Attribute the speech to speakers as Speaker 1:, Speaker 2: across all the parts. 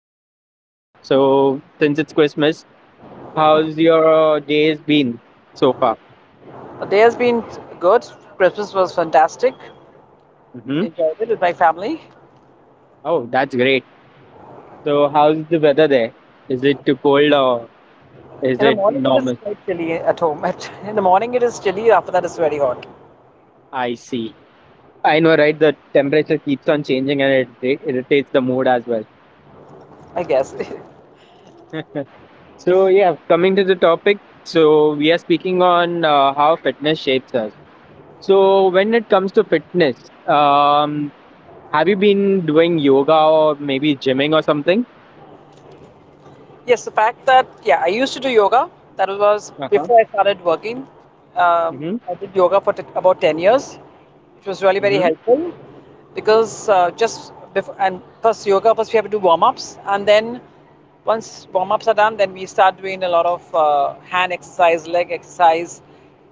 Speaker 1: week going on? So, since it's Christmas, how's your days been so far?
Speaker 2: The day has been good. Christmas was fantastic.
Speaker 1: Hmm.
Speaker 2: Enjoyed it with my family.
Speaker 1: Oh, that's great. So, how's the weather there? Is it too cold or is
Speaker 2: In the
Speaker 1: it
Speaker 2: morning, it is
Speaker 1: normal?
Speaker 2: quite chilly at home. In the morning, it is chilly. After that, it's very hot,
Speaker 1: I see. I know, right? The temperature keeps on changing and it irritates the mood as well.
Speaker 2: I guess.
Speaker 1: so, yeah, coming to the topic. So, we are speaking on how fitness shapes us. So, when it comes to fitness, have you been doing yoga or maybe gymming or something?
Speaker 2: Yes, the fact that, yeah, I used to do yoga. That was
Speaker 1: Uh huh.
Speaker 2: before I started working.
Speaker 1: Mm-hmm.
Speaker 2: I did yoga for about 10 years. It was really very
Speaker 1: Mm-hmm.
Speaker 2: helpful because just before, and first yoga, first we have to do warm ups. And then once warm ups are done, then we start doing a lot of hand exercise, leg exercise,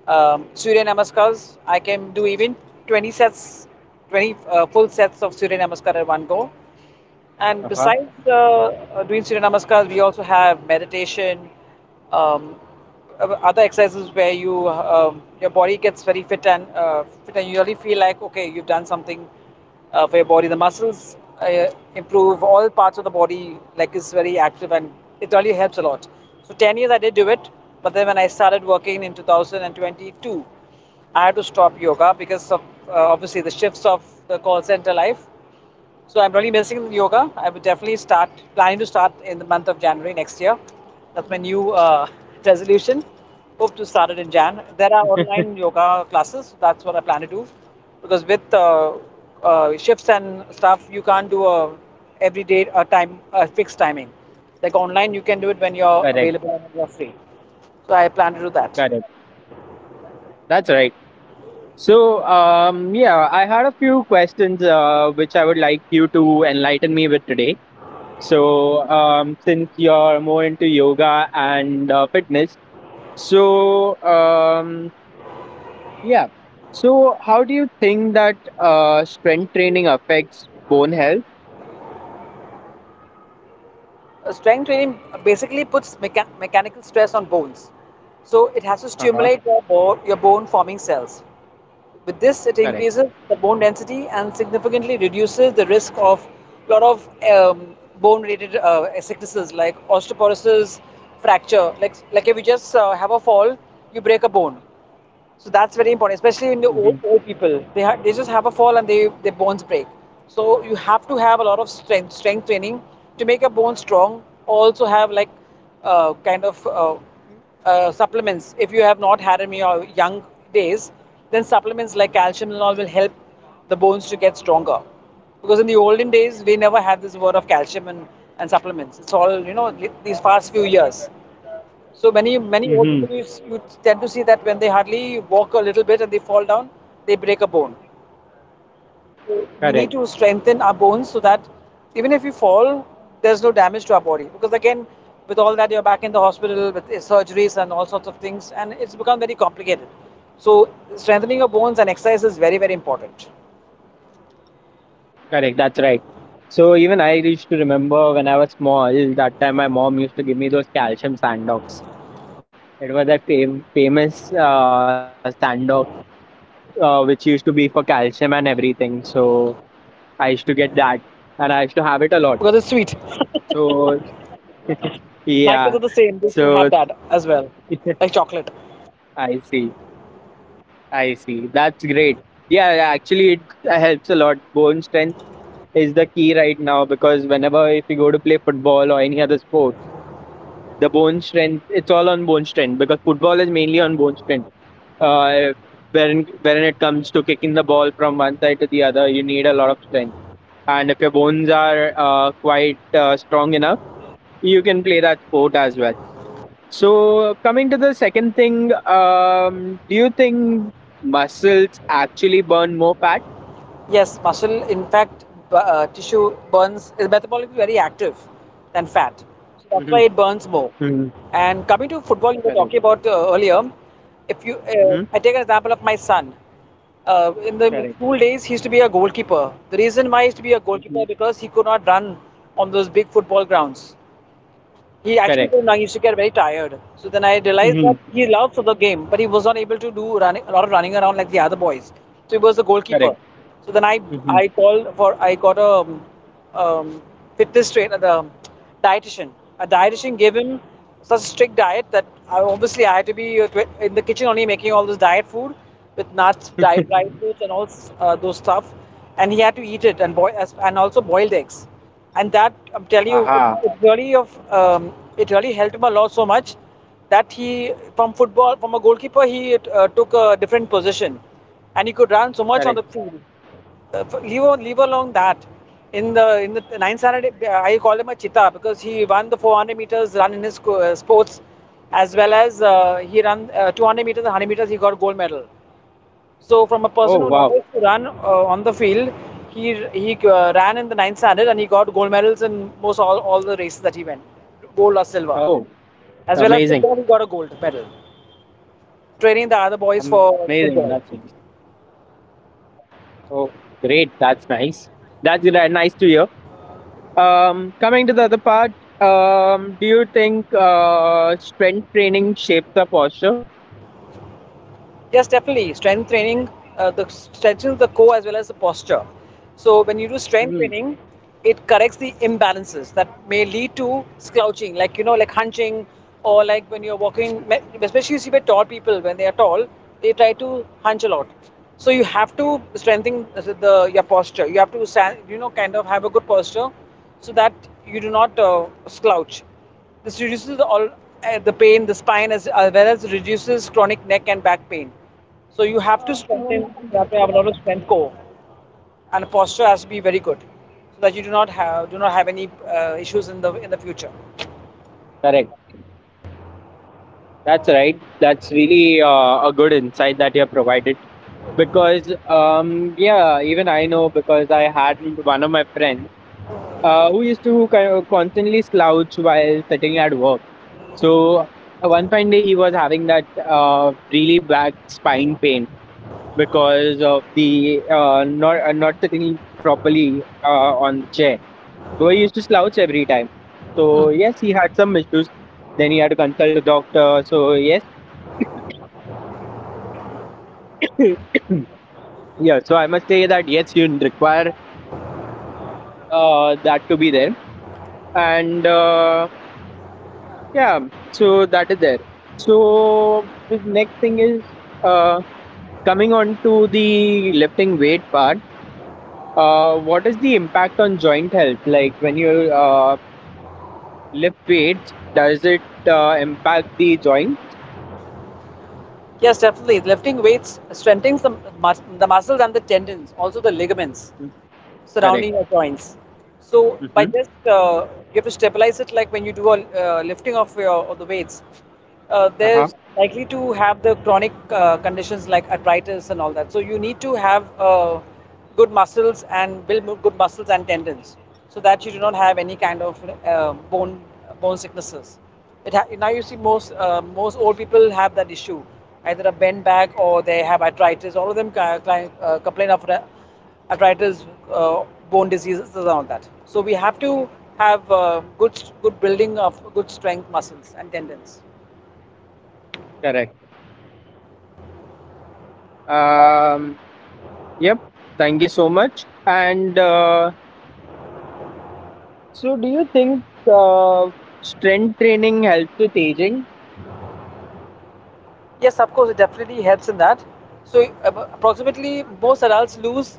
Speaker 2: Surya Namaskars. I can do even 20 sets, 20 full sets of Surya Namaskar at one go. And
Speaker 1: Uh huh.
Speaker 2: besides doing Surya Namaskars, we also have meditation, um, other exercises where your body gets very fit and fit, and you really feel like okay, you've done something for your body. The muscles improve, all parts of the body like is very active, and it really helps a lot. So 10 years I did do it, but then when I started working in 2022, I had to stop yoga because of obviously the shifts of the call center life. So I'm really missing yoga. I would definitely start planning to start in the month of January next year. That's my new resolution. Hope to start it in Jan. There are online yoga classes. That's what I plan to do, because with shifts and stuff, you can't do a every day a time a fixed timing. Like online, you can do it when you're
Speaker 1: Correct.
Speaker 2: available and you're free. So I plan to do that.
Speaker 1: Correct. That's right. So, yeah, I had a few questions which I would like you to enlighten me with today. So, since you're more into yoga and fitness, so um, yeah. So, how do you think that strength training affects bone health?
Speaker 2: Strength training basically puts mechanical stress on bones. So it has to
Speaker 1: Uh huh.
Speaker 2: stimulate your bone forming cells. With this, it
Speaker 1: Correct.
Speaker 2: increases the bone density and significantly reduces the risk of a lot of bone related sicknesses like osteoporosis, fracture. Like if you just have a fall, you break a bone. So that's very important, especially in the old,
Speaker 1: Mm-hmm.
Speaker 2: old people. They just have a fall and they their bones break. So you have to have a lot of strength training to make your bones strong. Also have like kind of supplements. If you have not had them in your young days, then supplements like calcium and all will help the bones to get stronger. Because in the olden days, we never had this word of calcium and supplements. It's all, you know, these past few years. So many many old
Speaker 1: Mm-hmm.
Speaker 2: people you, you tend to see that when they hardly walk a little bit and they fall down, they break a bone. So we
Speaker 1: Correct.
Speaker 2: need to strengthen our bones so that even if you fall, there's no damage to our body. Because again, with all that you're back in the hospital with surgeries and all sorts of things, and it's become very complicated. So strengthening your bones and exercise is very very important
Speaker 1: Correct. That's right. So even I used to remember when I was small. That time, my mom used to give me those calcium sandogs. It was that famous sandal which used to be for calcium and everything. So I used to get that, and I used to have it a lot.
Speaker 2: because it's sweet.
Speaker 1: So
Speaker 2: My
Speaker 1: yeah,
Speaker 2: kids are the same; they still
Speaker 1: so
Speaker 2: have that as well, like chocolate.
Speaker 1: I see, I see. That's great. Yeah, yeah, actually, it helps a lot. Bone strength is the key right now because whenever if you go to play football or any other sport, the bone strength it's all on bone strength because football is mainly on bone strength uh wherein it comes to kicking the ball from one side to the other. You need a lot of strength, and if your bones are quite strong enough, you can play that sport as well. So, coming to the second thing, do you think muscles actually burn more fat?
Speaker 2: Yes, muscle, in fact, tissue burns is metabolically very active than fat. So that's why it
Speaker 1: Mm-hmm.
Speaker 2: burns more.
Speaker 1: Mm-hmm.
Speaker 2: And coming to football, you were talking
Speaker 1: Correct.
Speaker 2: about earlier. If you, I
Speaker 1: Mm-hmm.
Speaker 2: take an example of my son. In the school
Speaker 1: Correct.
Speaker 2: days, he used to be a goalkeeper. The reason why he used to be a goalkeeper because
Speaker 1: Mm-hmm.
Speaker 2: he could not run on those big football grounds. He actually told Nang used to
Speaker 1: Correct.
Speaker 2: get very tired. So then I realized that he
Speaker 1: Mm-hmm.
Speaker 2: loved the game, but he was not able to do running, a lot of running around like the other boys. So he was the goalkeeper. So
Speaker 1: Correct.
Speaker 2: then I called
Speaker 1: Mm-hmm.
Speaker 2: for I got a um, fitness trainer, the dietitian. A dietitian gave him such a strict diet that I, obviously I had to be in the kitchen only making all this diet food with nuts, dry fruits, and those stuff. And he had to eat it and and also boiled eggs. And that I'm telling you, it really
Speaker 1: aha.
Speaker 2: of it really helped him a lot so much that he from football from a goalkeeper he took a different position, and he could run so much on the field
Speaker 1: Correct.
Speaker 2: leave, leave alone that. In the ninth standard, I call him a cheetah because he won the 400 meters run in his sports, as well as he ran 200 meters and 100 meters. He got gold medal. So from a person who never used to
Speaker 1: Oh,
Speaker 2: run
Speaker 1: wow.
Speaker 2: on the field, he ran in the ninth standard and he got gold medals in most all the races that he went, gold or silver.
Speaker 1: Oh,
Speaker 2: As well as football, he got a
Speaker 1: amazing.
Speaker 2: gold medal. Training the other boys for
Speaker 1: Amazing, that's
Speaker 2: football.
Speaker 1: it. Oh, great, that's nice. Nice to hear. Coming to the other part, do you think strength training shapes the posture?
Speaker 2: Yes, definitely. Strength training the strengthens the core as well as the posture. So when you do strength
Speaker 1: Mhm.
Speaker 2: training, it corrects the imbalances that may lead to slouching, like you know, like hunching, or like when you're walking. Especially you see by tall people when they are tall, they try to hunch a lot. So you have to strengthen your posture. You have to stand, you know, kind of have a good posture, so that you do not slouch. This reduces the, all, the pain, the spine, as well as reduces chronic neck and back pain. So you have to strengthen. You have to have a lot of strength core, and posture has to be very good, so that you do not have any issues in the future.
Speaker 1: Correct. That's right. That's really a good insight that you have provided, because yeah, even I know because I had one of my friends who used to kind of constantly slouch while sitting at work. So one fine day he was having that really bad spine pain because of the not sitting properly on the chair. So he used to slouch every time. So yes, he had some issues. Then he had to consult a doctor. So yes, yeah, so I must say that require that to be there and yeah, so that is there. So the next thing is uh, coming on to the lifting weight part. What is the impact on joint health, like when you uh, lift weights? Does it impact the joint?
Speaker 2: Yes, definitely. Lifting weights strengthens the muscles and the tendons, also the ligaments
Speaker 1: Mm,
Speaker 2: surrounding
Speaker 1: correct.
Speaker 2: your joints. So by
Speaker 1: Mm-hmm.
Speaker 2: just you have to stabilize it like when you do a lifting of your of the weights. There's
Speaker 1: Uh-huh.
Speaker 2: likely to have the chronic conditions like arthritis and all that. So you need to have good muscles and good muscles and tendons, so that you do not have any kind of uh, bone bone sicknesses. Now you see most old people have that issue, either a bent back or they have arthritis. All of them complain of that arthritis, uh, bone diseases, and all that. So we have to have good building of good strength muscles and tendons.
Speaker 1: Correct. Um yep thank you so much. And So, do you think uh, strength training helps with aging?
Speaker 2: Yes, of course, it definitely helps in that. So approximately most adults lose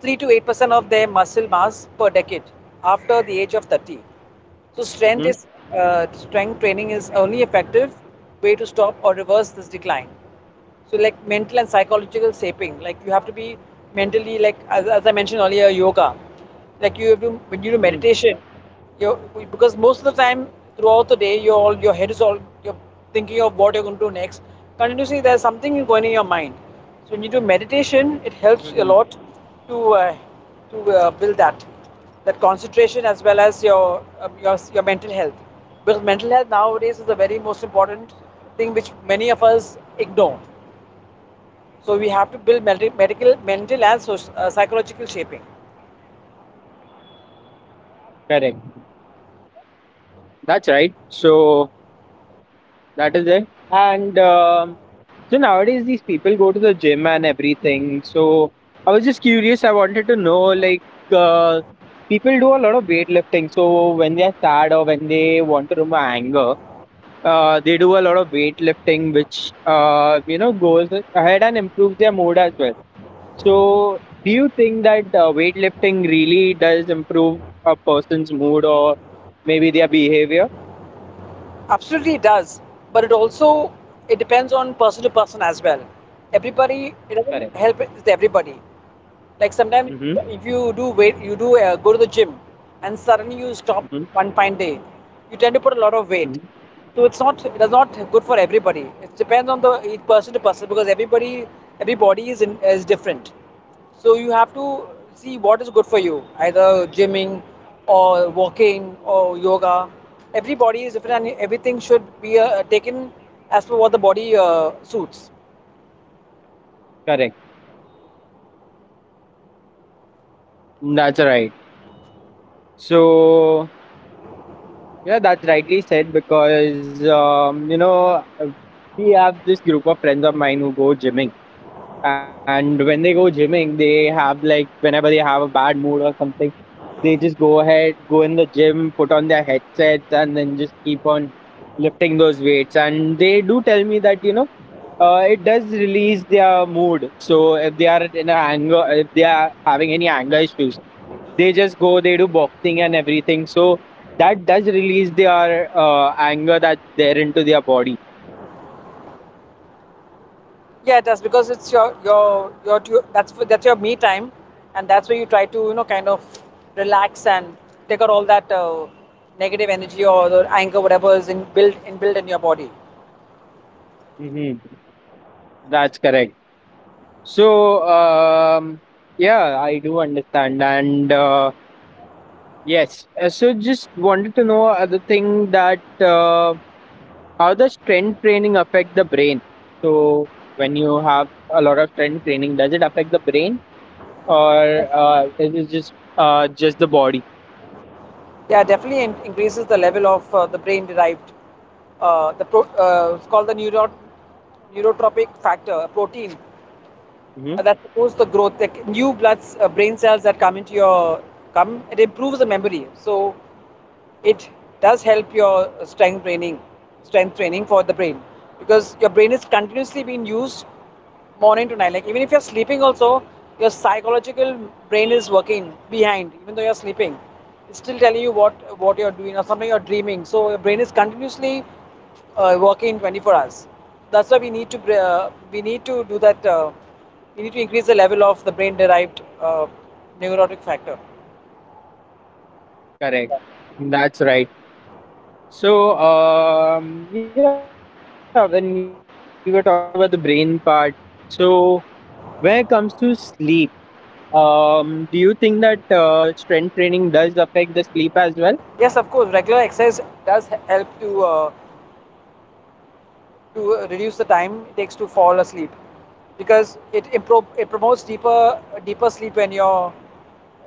Speaker 2: 3 to 8% of their muscle mass per decade after the age of 30. So
Speaker 1: Hmm.
Speaker 2: strength training is only effective way to stop or reverse this decline. So like mental and psychological shaping, like you have to be mentally like as I mentioned earlier, yoga. Like you have to when you
Speaker 1: Hmm.
Speaker 2: do meditation, you because most of the time throughout the day, your all your head is all you're thinking of what you're going to do next. Continuously, there's something going in your mind. So when you do meditation,
Speaker 1: Hmm.
Speaker 2: it helps a lot to uh, to build that concentration as well as your your mental health. Because mental health nowadays is the very most important thing which many of us ignore. So we have to build medical, mental, and psychological shaping.
Speaker 1: Correct. That's right. So that is it. And so nowadays these people go to the gym and everything. So I was just curious. I wanted to know like uh, people do a lot of weightlifting. So when they are sad or when they want to remove anger, they do a lot of weightlifting, which you know goes ahead and improves their mood as well. So, do you think that weightlifting really does improve a person's mood or maybe their behavior?
Speaker 2: Absolutely, it does, but it also it depends on person to person as well. Everybody, it
Speaker 1: Correct.
Speaker 2: doesn't help with everybody. Like sometimes
Speaker 1: Mm-hmm.
Speaker 2: if you do weight you do go to the gym and suddenly you stop
Speaker 1: Mm-hmm.
Speaker 2: one fine day you tend to put a lot of weight
Speaker 1: Hmm.
Speaker 2: so it's not it is not good for everybody it depends on the each person to person because everybody every body is different so you have to see what is good for you either gymming or walking or yoga every body is different and everything should be taken as per what the body suits.
Speaker 1: Correct. That's right. So, yeah, that's rightly said because you know we have this group of friends of mine who go gymming. And when they go gymming, they have, like whenever they have a bad mood or something, they just go ahead, go in the gym, put on their headsets, and then just keep on lifting those weights. And they do tell me that, you know, it does release their mood. So if they are in a anger, if they are having any anger issues, they just go, they do boxing and everything. So that does release their anger that's there into their body.
Speaker 2: Yeah, it does because it's that's your me time, and that's where you try to you know kind of relax and take out all that negative energy or the anger whatever is in built inbuilt in your body.
Speaker 1: Hmm. That's correct. So, yeah, I do understand. And Yes, so just wanted to know other thing, that how does strength training affect the brain? So, when you have a lot of strength training, does it affect the brain, or is it just the body?
Speaker 2: Yeah, definitely increases the level of the brain derived. It's called the neurotropic factor, a protein
Speaker 1: Hmm.
Speaker 2: that supports the growth, like new bloods, brain cells that come into your come, it improves the memory. So it does help your strength training for the brain because your brain is continuously being used morning to night. Like even if you're sleeping, also your psychological brain is working behind. Even though you're sleeping, it's still telling you what you're doing or something you're dreaming. So your brain is continuously working 24 hours. That's why we need to we need to do that. We need to increase the level of the brain-derived neurotic factor.
Speaker 1: Correct. That's right. So, yeah, when we were talking about the brain part, so when it comes to sleep. Do you think that strength training does affect the sleep as well?
Speaker 2: Yes, of course, regular exercise does help to reduce the time it takes to fall asleep, because it promotes deeper sleep when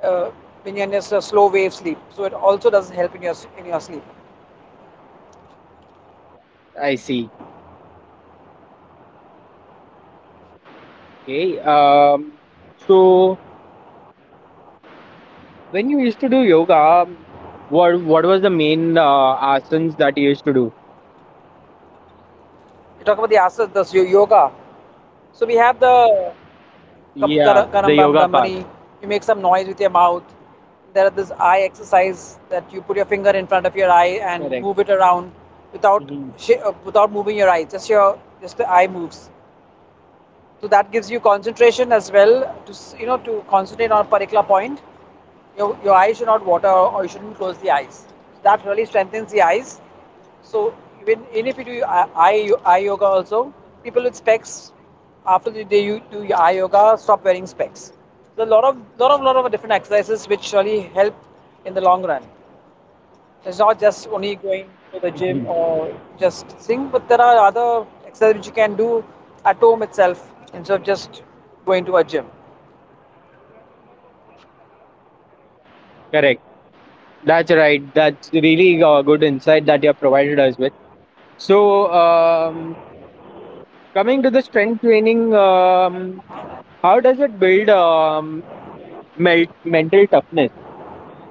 Speaker 2: uh, you're in a slow wave sleep, so it also does help in your sleep.
Speaker 1: I see. Okay. So when you used to do yoga, what was the main asanas that you used to do?
Speaker 2: You talk about the asas, the yoga. So we have the
Speaker 1: Yeah, the
Speaker 2: kam-
Speaker 1: yoga part.
Speaker 2: karambam brahmani. You make some noise with your mouth. There are this eye exercise that you put your finger in
Speaker 1: Correct.
Speaker 2: front of your eye and move it
Speaker 1: Hmm.
Speaker 2: around without without moving your eye, just the eye moves. So that gives you concentration as well, to you know to concentrate on a particular point. Your eyes should not water, or you shouldn't close the eyes. So that really strengthens the eyes. So even if you do eye yoga also, people with specs, after the day you do your eye yoga, stop wearing specs. So a lot of different exercises which really help in the long run. It's not just only going to the gym
Speaker 1: Hmm.
Speaker 2: or just sing, but there are other exercises which you can do at home itself instead of just going to a gym.
Speaker 1: Correct. That's right. That's really good insight that you have provided us with. So, coming to the strength training, how does it build mental toughness?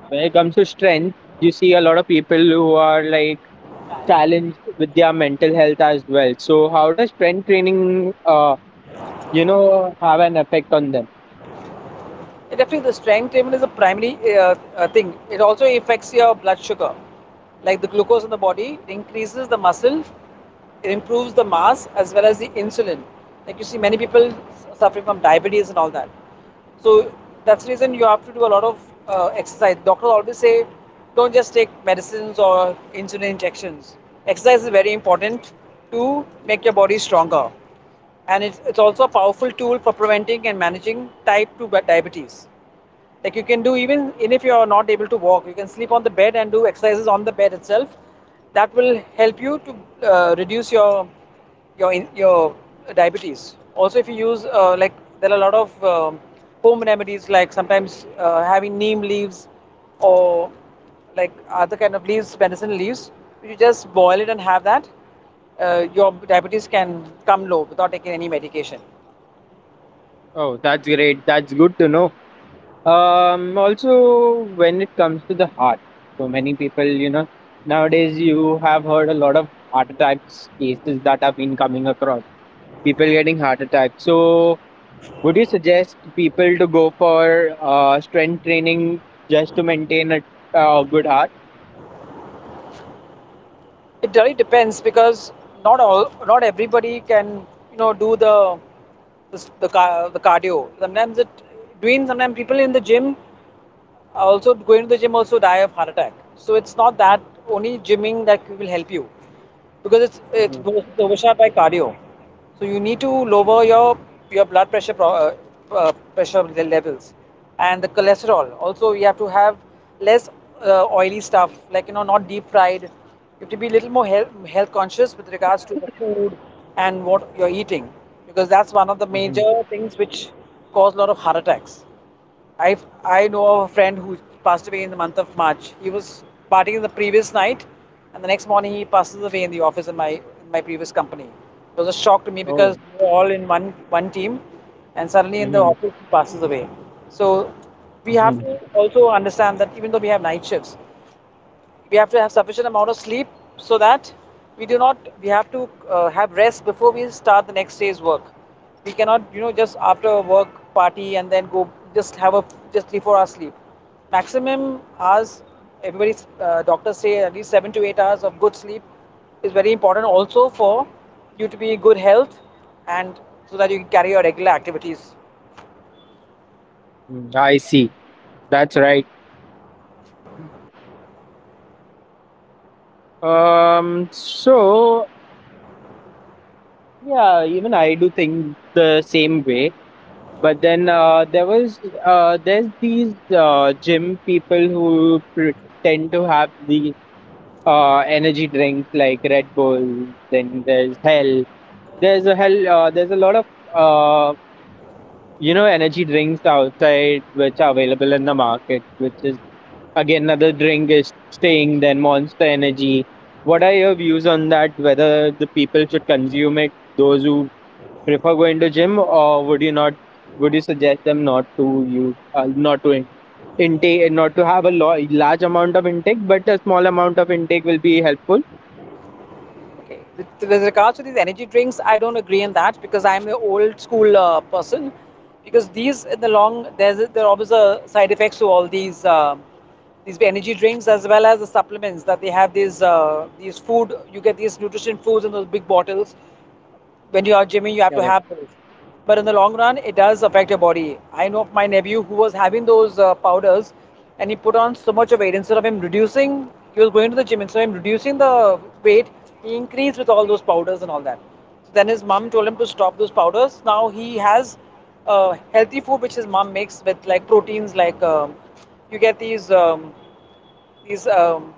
Speaker 1: When it comes to strength, you see a lot of people who are like challenged with their mental health as well. So, how does strength training, you know, have an effect on them?
Speaker 2: Definitely, the strength even is a primary thing. It also affects your blood sugar, like the glucose in the body. It increases the muscle, it improves the mass as well as the insulin. Like you see, many people suffering from diabetes and all that. So that's the reason you have to do a lot of exercise. Doctors always say, don't just take medicines or insulin injections. Exercise is very important to make your body stronger, and it's also a powerful tool for preventing and managing type 2 diabetes. Like you can do, even if you are not able to walk, you can sleep on the bed and do exercises on the bed itself. That will help you to reduce your diabetes also, if you use like there are a lot of home remedies, like sometimes having neem leaves, or like other kind of leaves, medicine leaves, you just boil it and have that. Your diabetes can come low without taking any medication.
Speaker 1: Oh, that's great. That's good to know. Also, when it comes to the heart, so many people, you know, nowadays you have heard a lot of heart attacks cases that have been coming across. People getting heart attacks. So, would you suggest people to go for strength training just to maintain a good heart?
Speaker 2: It really depends, because not all, not everybody can, you know, do the cardio. Sometimes it doing sometimes people in the gym, also going to the gym, also die of heart attack. So it's not that only gymming that will help you, because it's
Speaker 1: Mhm.
Speaker 2: it's both overshadowed by cardio. So you need to lower your blood pressure levels, and the cholesterol also you have to have less, oily stuff, like not deep fried. You have to be a little more health conscious with regards to the food and what you're eating, because that's one of the major
Speaker 1: Mhm.
Speaker 2: things which cause a lot of heart attacks. I I know of a friend who passed away in the month of March. He was partying the previous night, and the next morning he passes away in the office, in my previous company. It was a shock to me,
Speaker 1: Oh.
Speaker 2: because we were all in one team, and suddenly in the
Speaker 1: Mhm.
Speaker 2: office he passes away. So we have
Speaker 1: Mhm.
Speaker 2: to also understand that, even though we have night shifts, we have to have sufficient amount of sleep, so that we do not, we have to, have rest before we start the next day's work. We cannot, just after a work party and then go, just have a, just 3-4 hours sleep, maximum hours. Everybody's, doctors say at least 7 to 8 hours of good sleep is very important also for you to be in good health, and so that you can carry your regular activities.
Speaker 1: Mm, I see. That's right. So yeah, even I do think the same way. But then there's these gym people who tend to have the energy drinks like Red Bull. Then there's Hell. There's a Hell. There's a lot of uh, you know energy drinks outside which are available in the market. Which is again another drink is staying. Then Monster Energy. What are your views on that? Whether the people should consume it, those who prefer going to gym, or would you not? Would you suggest them not to not to intake, not to have a large amount of intake, but a small amount of intake will be helpful?
Speaker 2: Okay. With regards to these energy drinks, I don't agree on that, because I'm an old school person. Because these, there are always a side effects to all these energy drinks, as well as the supplements that they have. These food you get, these nutrition foods in those big bottles, when you are gymming, you have to have those. But in the long run, it does affect your body. I know of my nephew who was having those powders, and he put on so much of weight. Instead of him reducing, he was going to the gym. Instead of him reducing the weight, he increased with all those powders and all that. So then his mom told him to stop those powders. Now he has healthy food which his mom makes with like proteins, like you get these. These um,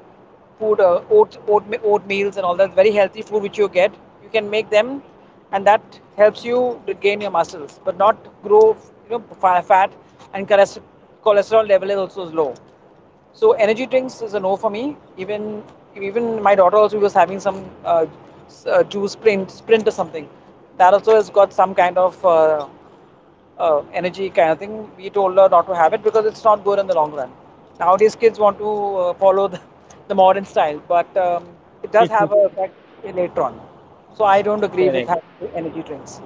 Speaker 2: oat meals and all that, very healthy food which you get. You can make them, and that helps you gain your muscles, but not grow, you know, fat, and cholesterol level is also low. So energy drinks is a no for me. Even my daughter also was having some juice sprint or something. That also has got some kind of energy kind of thing. We told her not to have it, because it's not good in the long run. Nowadays, kids want to follow the, the modern style, but it does have a effect later on. So I don't agree with
Speaker 1: Correct.
Speaker 2: having energy drinks.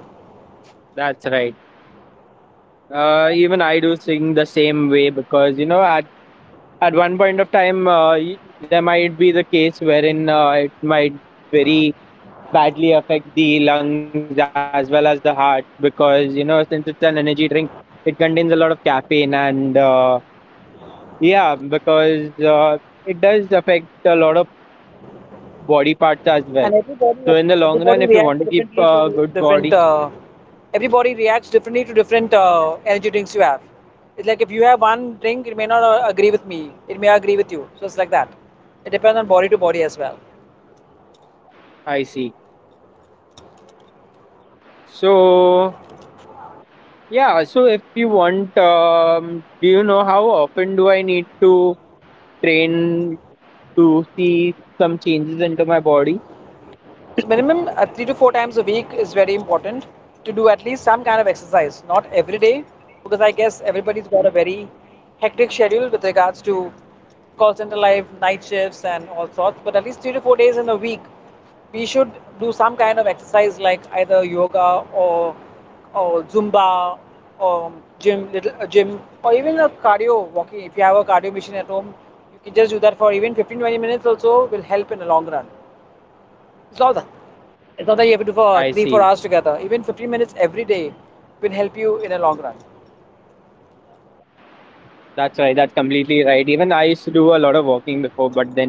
Speaker 1: That's right. Even I do sing the same way because you know at one point of time there might be the case wherein it might very badly affect the lungs as well as the heart, because you know since it's an energy drink it contains a lot of caffeine, and yeah because it does affect a lot of body parts as well. So in
Speaker 2: And
Speaker 1: the long run, if you want to keep
Speaker 2: everybody reacts
Speaker 1: a good
Speaker 2: differently to
Speaker 1: body.
Speaker 2: different. Uh, everybody reacts differently to different energy drinks you have. It's like if you have one drink, it may not agree with me. It may agree with you. So it's like that. It depends on body to body as well.
Speaker 1: I see. So yeah, so if you want, do you know how often do I need to train to see some changes into my body?
Speaker 2: So minimum 3 to 4 times a week is very important, to do at least some kind of exercise, not every day, because I guess everybody's got a
Speaker 1: Hmm?
Speaker 2: very hectic schedule with regards to call center life, night shifts, and all sorts. But at least 3 to 4 days in a week, we should do some kind of exercise, like either yoga, or Zumba, or gym, little a gym, or even a cardio walking. If you have a cardio machine at home, you can just do that for even 15-20 minutes. Also, will help in the long run. It's all that,
Speaker 1: I
Speaker 2: it's not that you
Speaker 1: see.
Speaker 2: have to do for 3 4 hours together. Even 15 minutes every day will help you in a long run.
Speaker 1: That's right. That's completely right. Even I used to do a lot of walking before, but then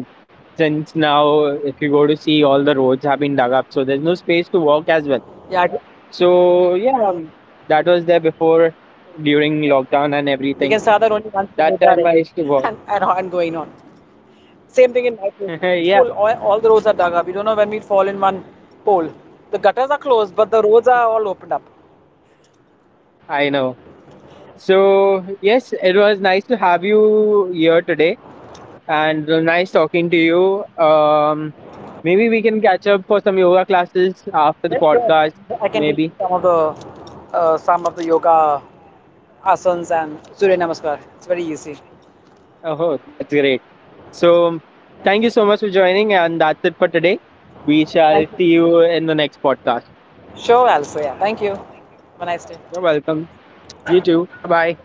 Speaker 1: since now, if you go to see, all the roads have been dug up, so there's no space to walk as well.
Speaker 2: Yeah,
Speaker 1: So yeah, that was there before during lockdown and
Speaker 2: we can
Speaker 1: everything.
Speaker 2: start that only once the roads
Speaker 1: That
Speaker 2: are
Speaker 1: time I
Speaker 2: ready
Speaker 1: used to walk.
Speaker 2: and going on. Same thing in my place. It's
Speaker 1: Yeah,
Speaker 2: full. All the roads are dug up. We don't know when we'd fall in one hole. The gutters are closed, but the roads are all opened up.
Speaker 1: I know. So, yes, it was nice to have you here today and nice talking to you. Maybe we can catch up for some yoga classes after
Speaker 2: Yes,
Speaker 1: the
Speaker 2: sure.
Speaker 1: podcast,
Speaker 2: I can teach you
Speaker 1: maybe.
Speaker 2: some of the yoga asanas and Surya Namaskar. It's very easy.
Speaker 1: Oh, that's great. So, thank you so much for joining, and that's it for today. We shall
Speaker 2: Thank you.
Speaker 1: see you in the next podcast.
Speaker 2: Sure, also. Yeah. Thank you. Have a nice day.
Speaker 1: You're welcome. You too. Bye bye.